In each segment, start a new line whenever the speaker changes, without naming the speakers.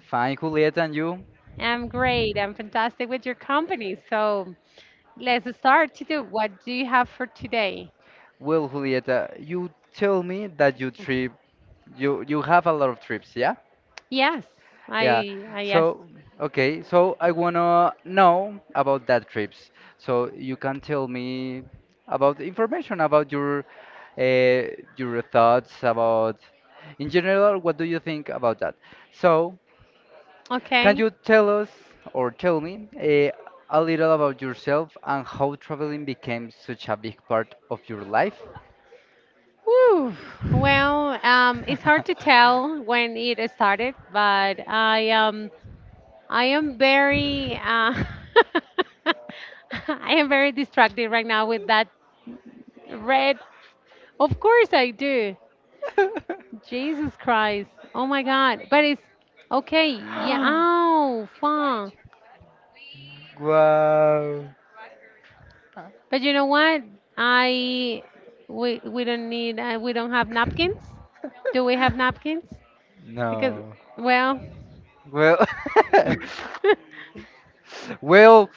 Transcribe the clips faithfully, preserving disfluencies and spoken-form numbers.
fine, Julieta, and you? Well, Julieta, you tell me that you trip, you you have a lot of trips, yeah? Yeah. So, okay, so I wanna know about that trips. So you can tell me about the information about your uh, your thoughts about, in general, what do you think about that? So, can you tell us or tell me uh, a little about yourself and how traveling became such a big part of your life? Wow. No. Well. well.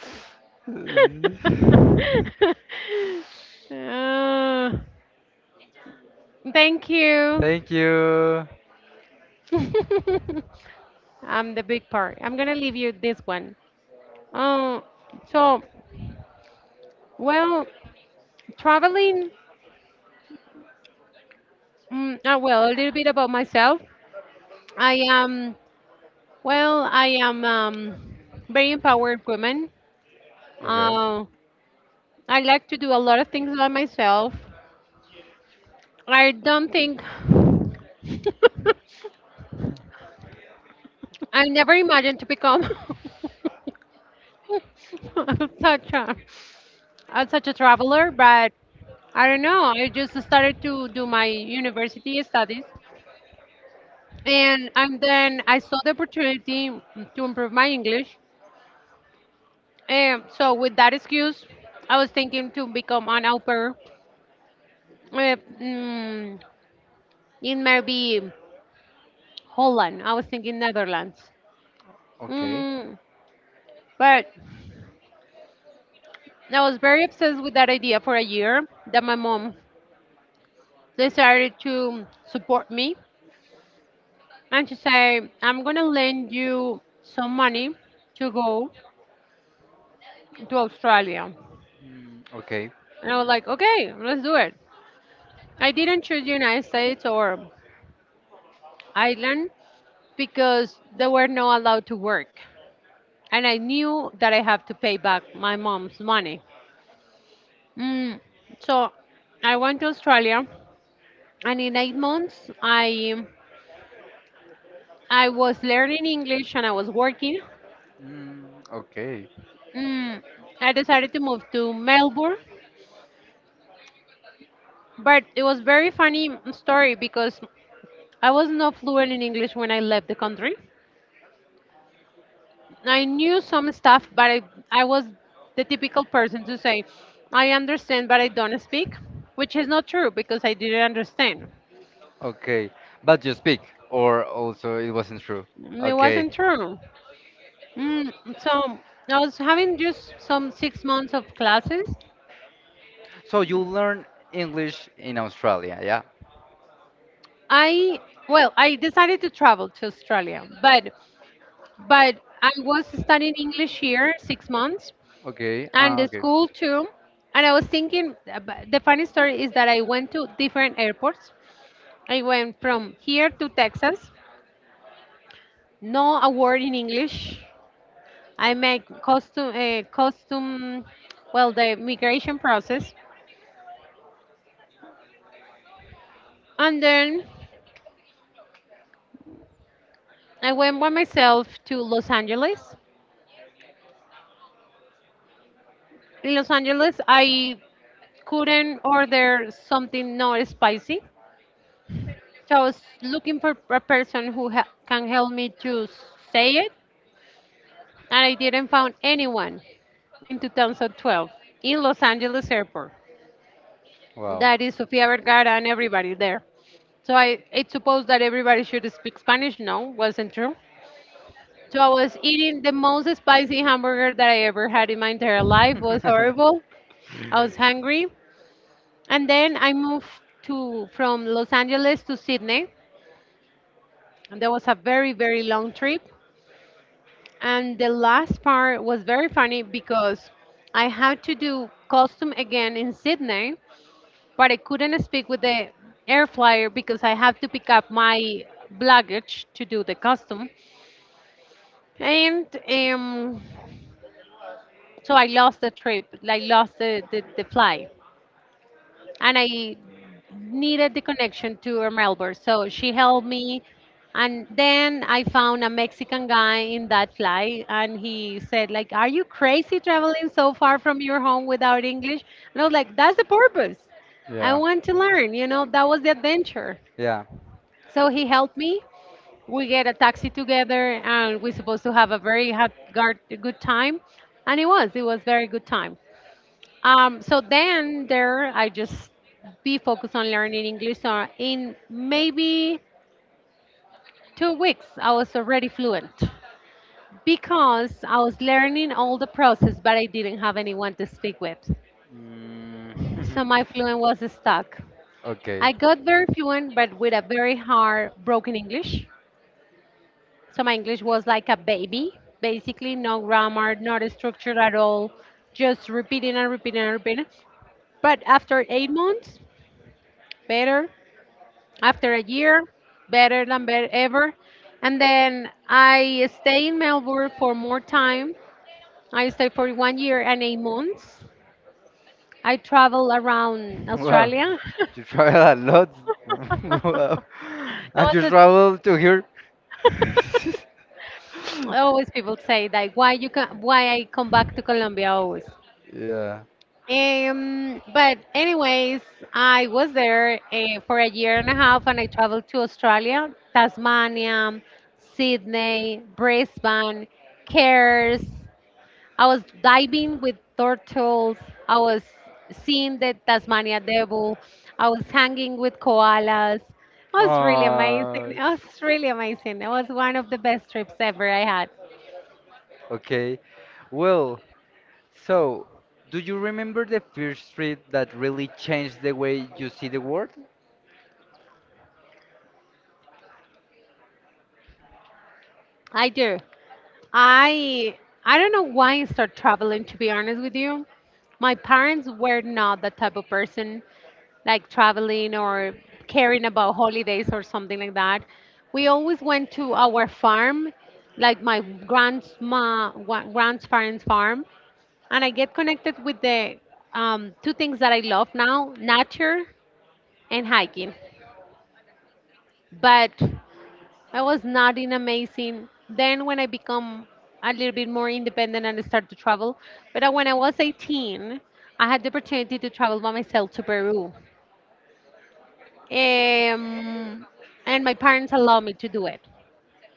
Thank you. Okay. Okay. Mm, okay. Mm, okay. Okay. But you speak, or also it wasn't true. Okay. So you learn English in Australia, yeah? Okay, uh, okay. Wow. Yeah. Yeah. Mm. okay. Wow, you travel a lot. Wow, and you travel to here. yeah. Oh, okay. Well, so do you remember the first trip that really changed the way you see the world?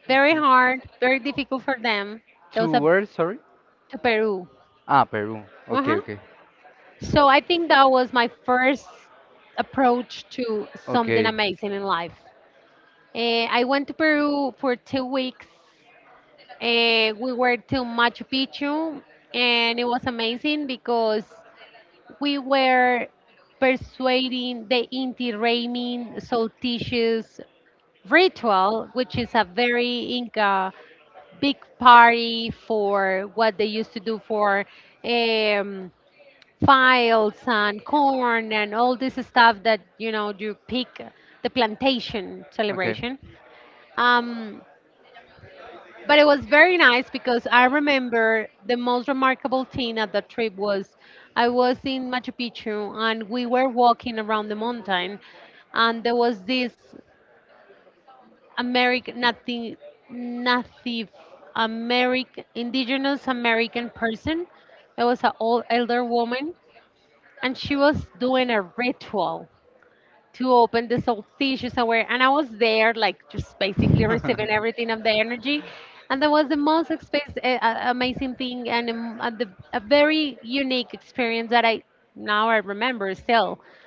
Okay. To where, sorry? Ah, Peru. Okay, okay. Okay. Okay.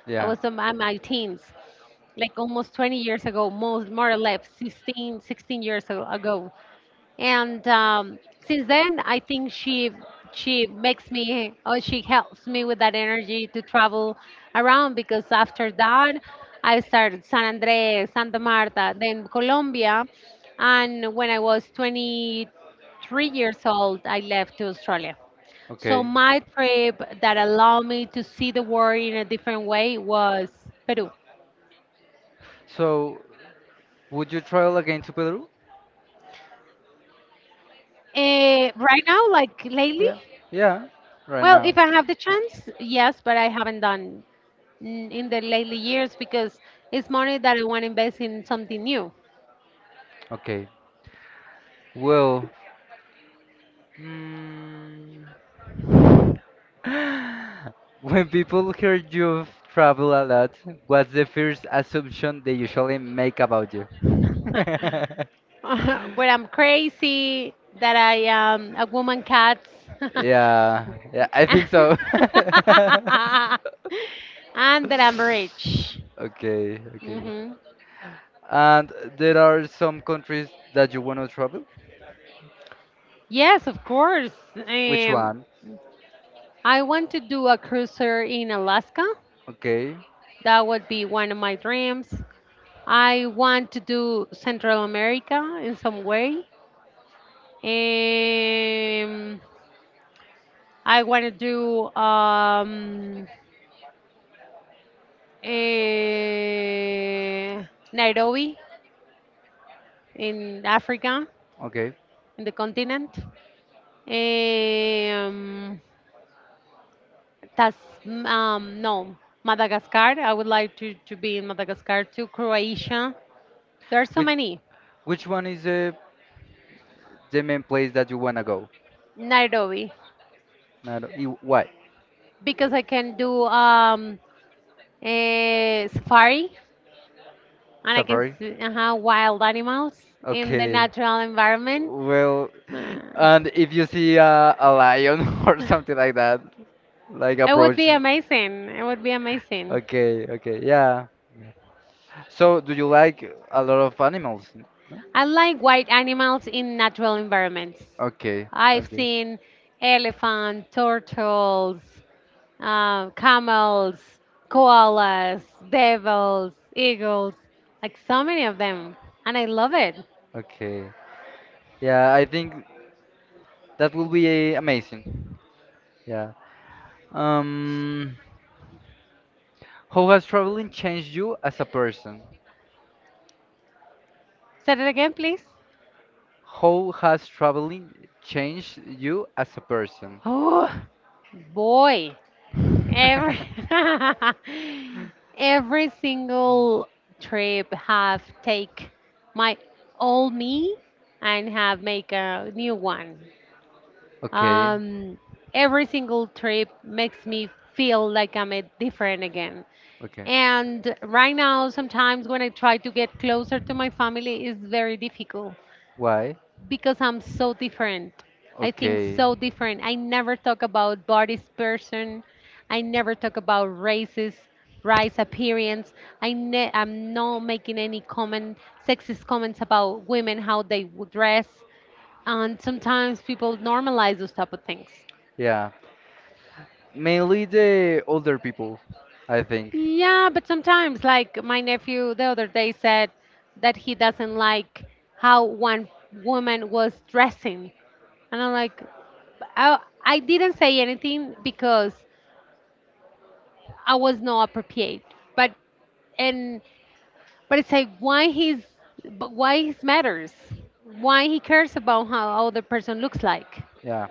yeah. Okay. So, would you travel again to Peru? Yeah. Yeah. Right now. Okay. Well, Mm, when people hear you travel a lot, what's the first assumption they usually make about you? Yeah, yeah, I think so. Okay, okay. And there are some countries that you want to travel? Which one? Okay. Okay. Which which one is the the main place that you wanna go? Not, you, why? Safari? Okay. Well, and if you see a, a lion or something like that, like approach. Okay, okay, yeah. So, do you like a lot of animals? Okay, okay, okay. Yeah, I think that will be eh, amazing. Yeah. Um, how has traveling changed you as a person? How has traveling changed you as a person? Okay, okay. Why? Okay. Yeah. Mainly the older people, I think. Yeah.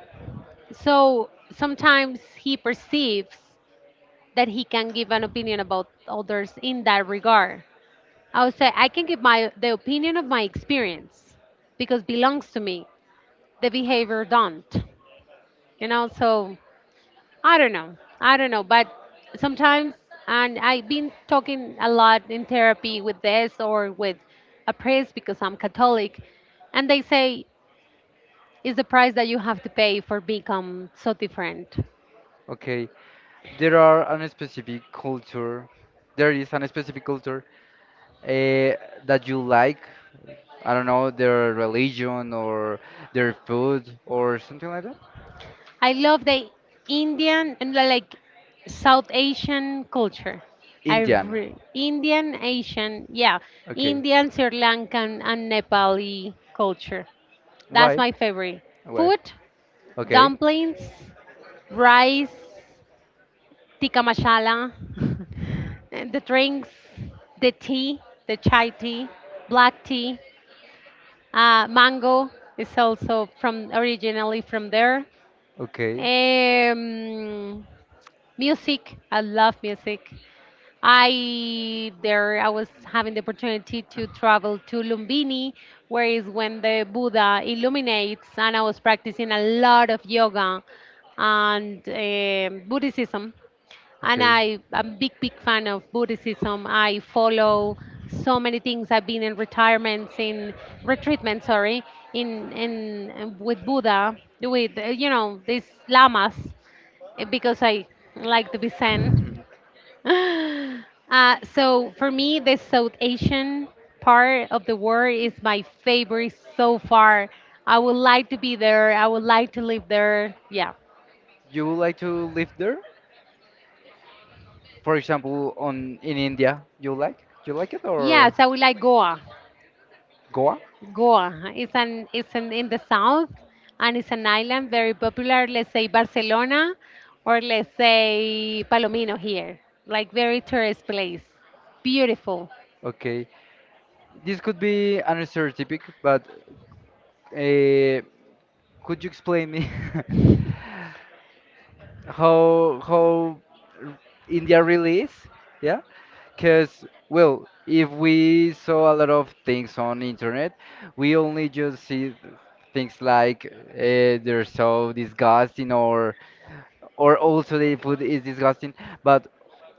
Okay. There are a specific culture. There is a specific culture eh, that you like. I don't know, their religion or their food or something like that? Indian. Okay. Why? Why? Okay. Okay. Okay. Mhm. You would like to live there? For example, on in India, you like? You like it or Goa? Okay. This could be an stereotypic, but uh, could you explain me how how r- India really is, yeah. Because well, if we saw a lot of things on internet, we only just see th- things like uh, they're so disgusting, or or also the food is disgusting. But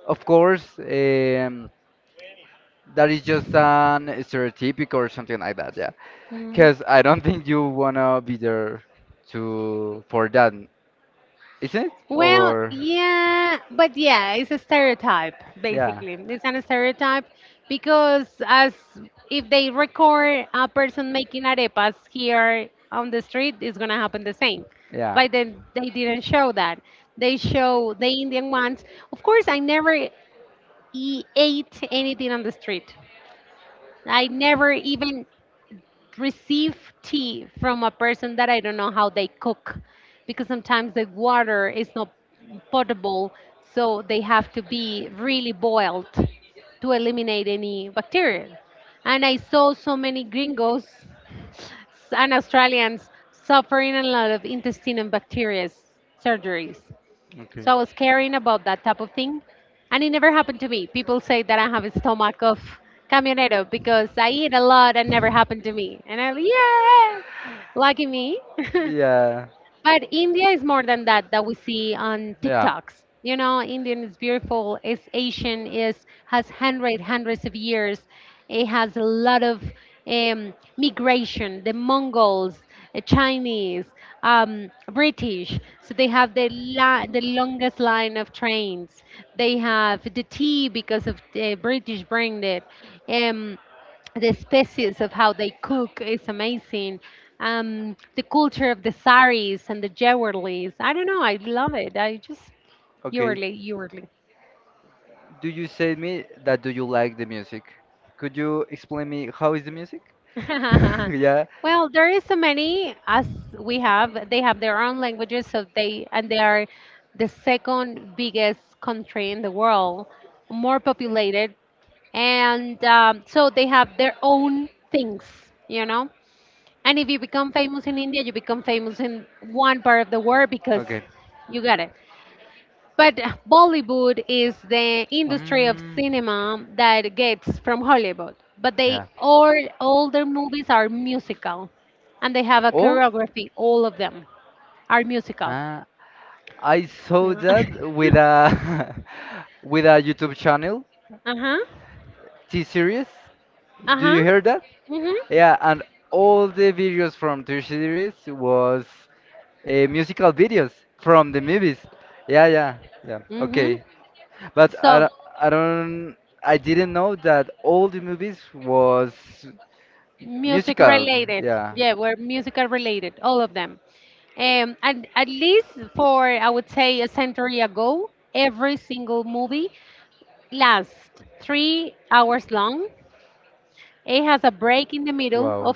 of course, um, that is just an stereotype or something like that, yeah. Because I don't think you wanna be there to for that, isn't it? Or yeah. Yeah. Okay. Yeah. Yeah. Okay. Do you say me that do you like the music? Could you explain me how is the music? yeah. Okay. Um. Yeah. Oh, uh, I saw that with a with a YouTube channel, T series. Do you hear that? Yeah, and all the videos from T series was uh, musical videos from the movies. Yeah, yeah, yeah. Okay, but I I do not I, d- I don't I didn't know that all the movies was musical. Yeah. Wow.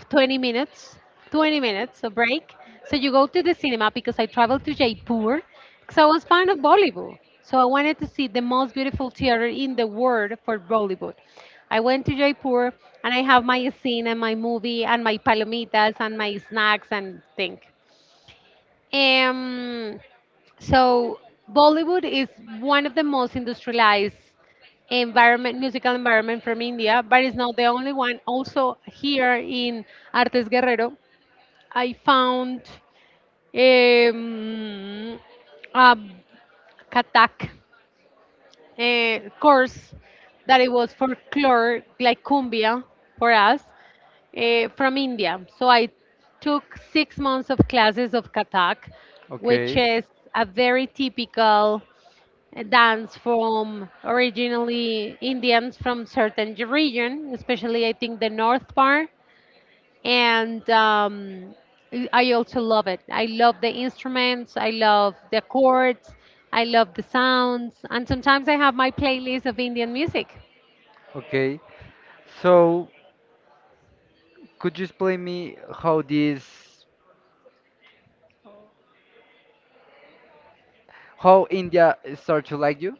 Okay. Okay. So, could you explain me how this, how India start to like you?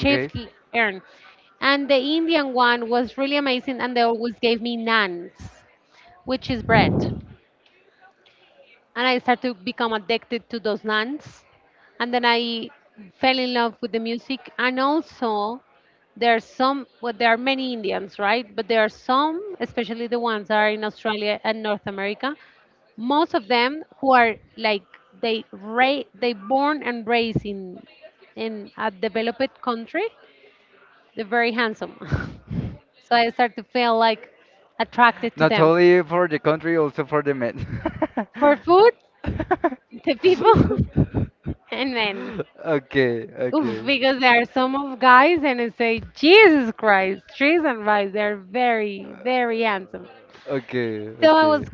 Okay. Not only for the country, also for the men. okay, okay. Uh, okay, okay.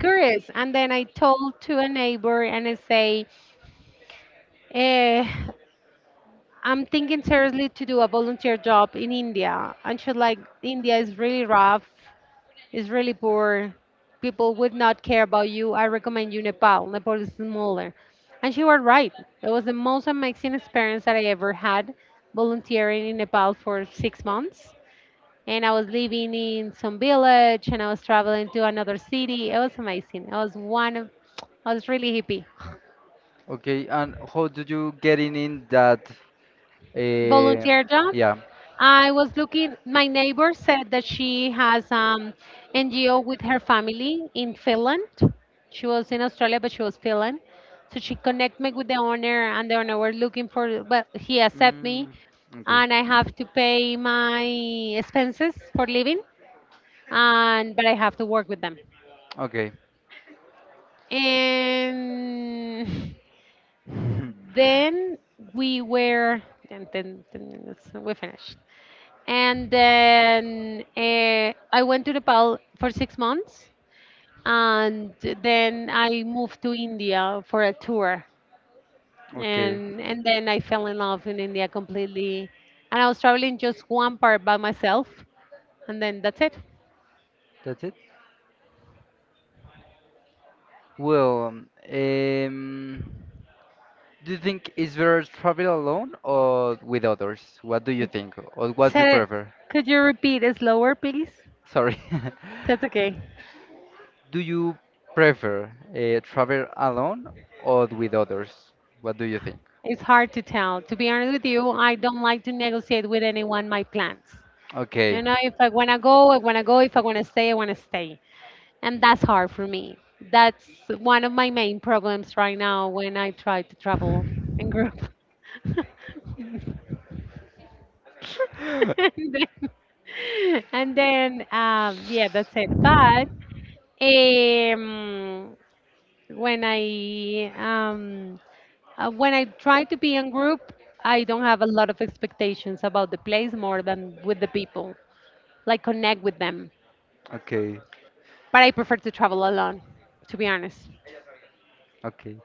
Okay, and how did you get in in that? Uh, yeah. Mm, okay. Okay. Okay, that's it. Well, um, um, do you think it's better to travel alone or with others? What do you think, or what you prefer? Sorry. Do you prefer uh, travel alone or with others? What do you think? Okay. Okay. Okay.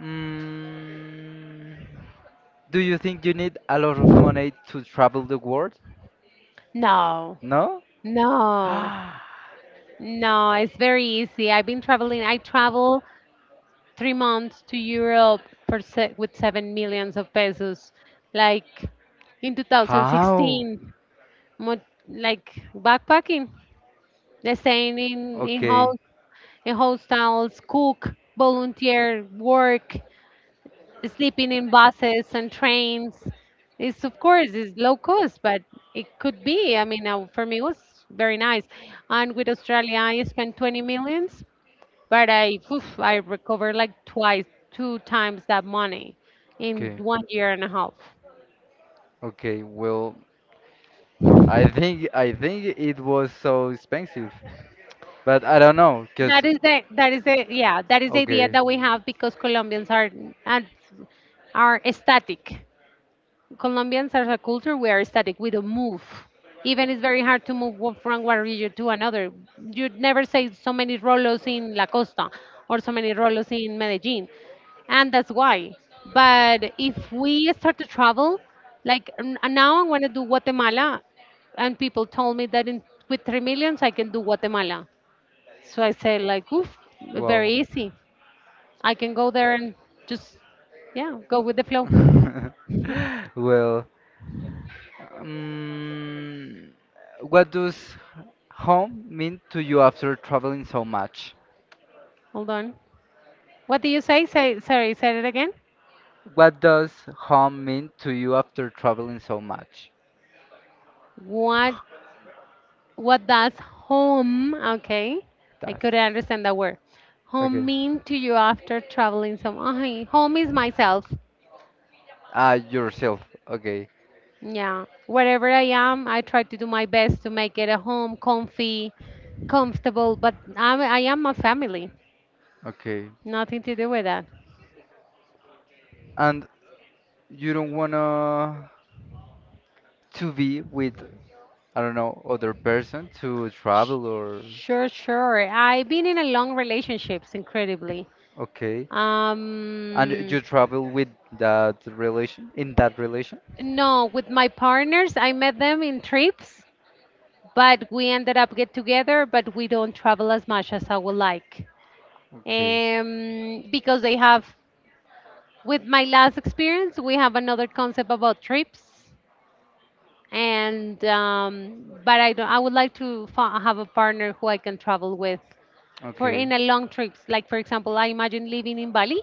Mm, do you think you need a lot of money to travel the world? No? How? Okay. Okay. Okay. Well, I think I think it was so expensive. But I don't know, cause okay, wow. Well, um, what does home mean to you after traveling so much?
Hold on. What do you say? Say sorry, say it again.
What does home mean to you after traveling so much?
What what does home okay? I
That's
couldn't understand that word. Home
okay.
mean to you after traveling some Ay, home is myself.
Ah, yourself. Okay,
Yeah. Wherever I am, I try to do my best to make it a home, comfy, comfortable, but I'm, I am a family.
okay.
Nothing to do with that.
And you don't wanna. To be with, I don't know, other person to
Sh-
travel or
Sure, sure. I've been in a long relationships, incredibly.
okay. And
Um,
you travel with that relation in that relation?
No, with my partners, I met them in trips, but we ended up get together, but we don't travel as much as I would like.
Okay.
Um, because they have, with my last experience, we have another concept about trips, and um, but I don't, I would like to fa- have a partner who I can travel with for
Okay.
in a long trips. Like for example, I imagine living in Bali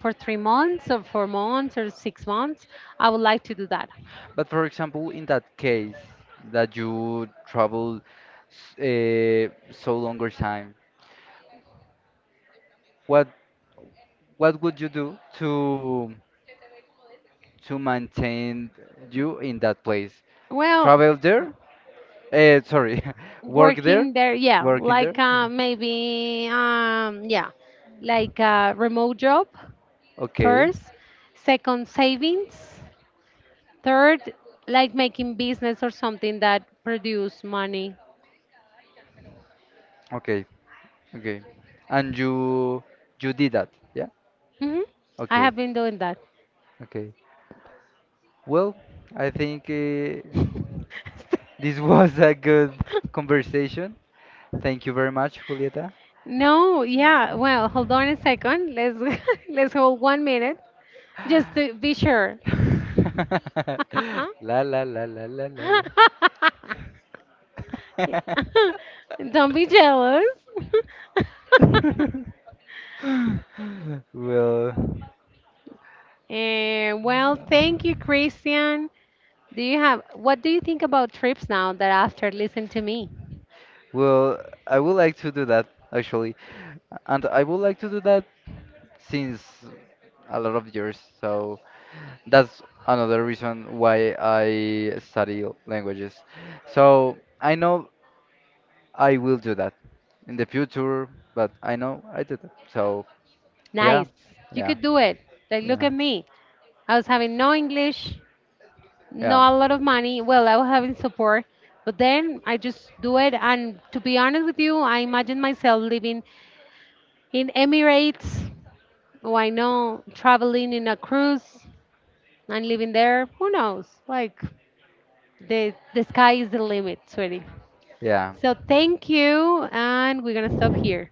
for three months or four months or six months. I would like to do that.
But for example, in that case that you travel s- eh, so longer time, what what would you do to to maintain you in that place.
Well,
Travel there? Uh, sorry, work there?
working there, yeah,
Work in there?
like
Yeah.
uh, maybe um yeah, like a remote job.
Okay,
First, second savings, third, like making business or something that produce money.
okay, okay. And you you did that? Yeah.
Hmm, I
Okay,
have been doing that.
okay. Well, I think uh, this was a good conversation. Thank you very much, Julieta.
No, yeah, well, hold on a second, let's let's hold one minute, just to be sure.
La la la la la la la.
Don't be jealous.
well.
Eh, well, thank you, Christian. Do you have what do you think about trips now that after listen to me?
Well, I would like to do that actually, and I would like to do that since a lot of years. So that's another reason why I study languages. So I know I will do that in the future, but I know I did it. So yeah,
Nice. You
yeah,
could do it. Like look
yeah,
at me. I was having no English,
yeah,
not a lot of money. Well, I was having support, but then I just do it and to be honest with you, I imagine myself living in Emirates. Oh, I know, traveling in a cruise. And living there, who knows? Like the the sky is the limit, sweetie.
yeah.
So thank you, and we're gonna stop here.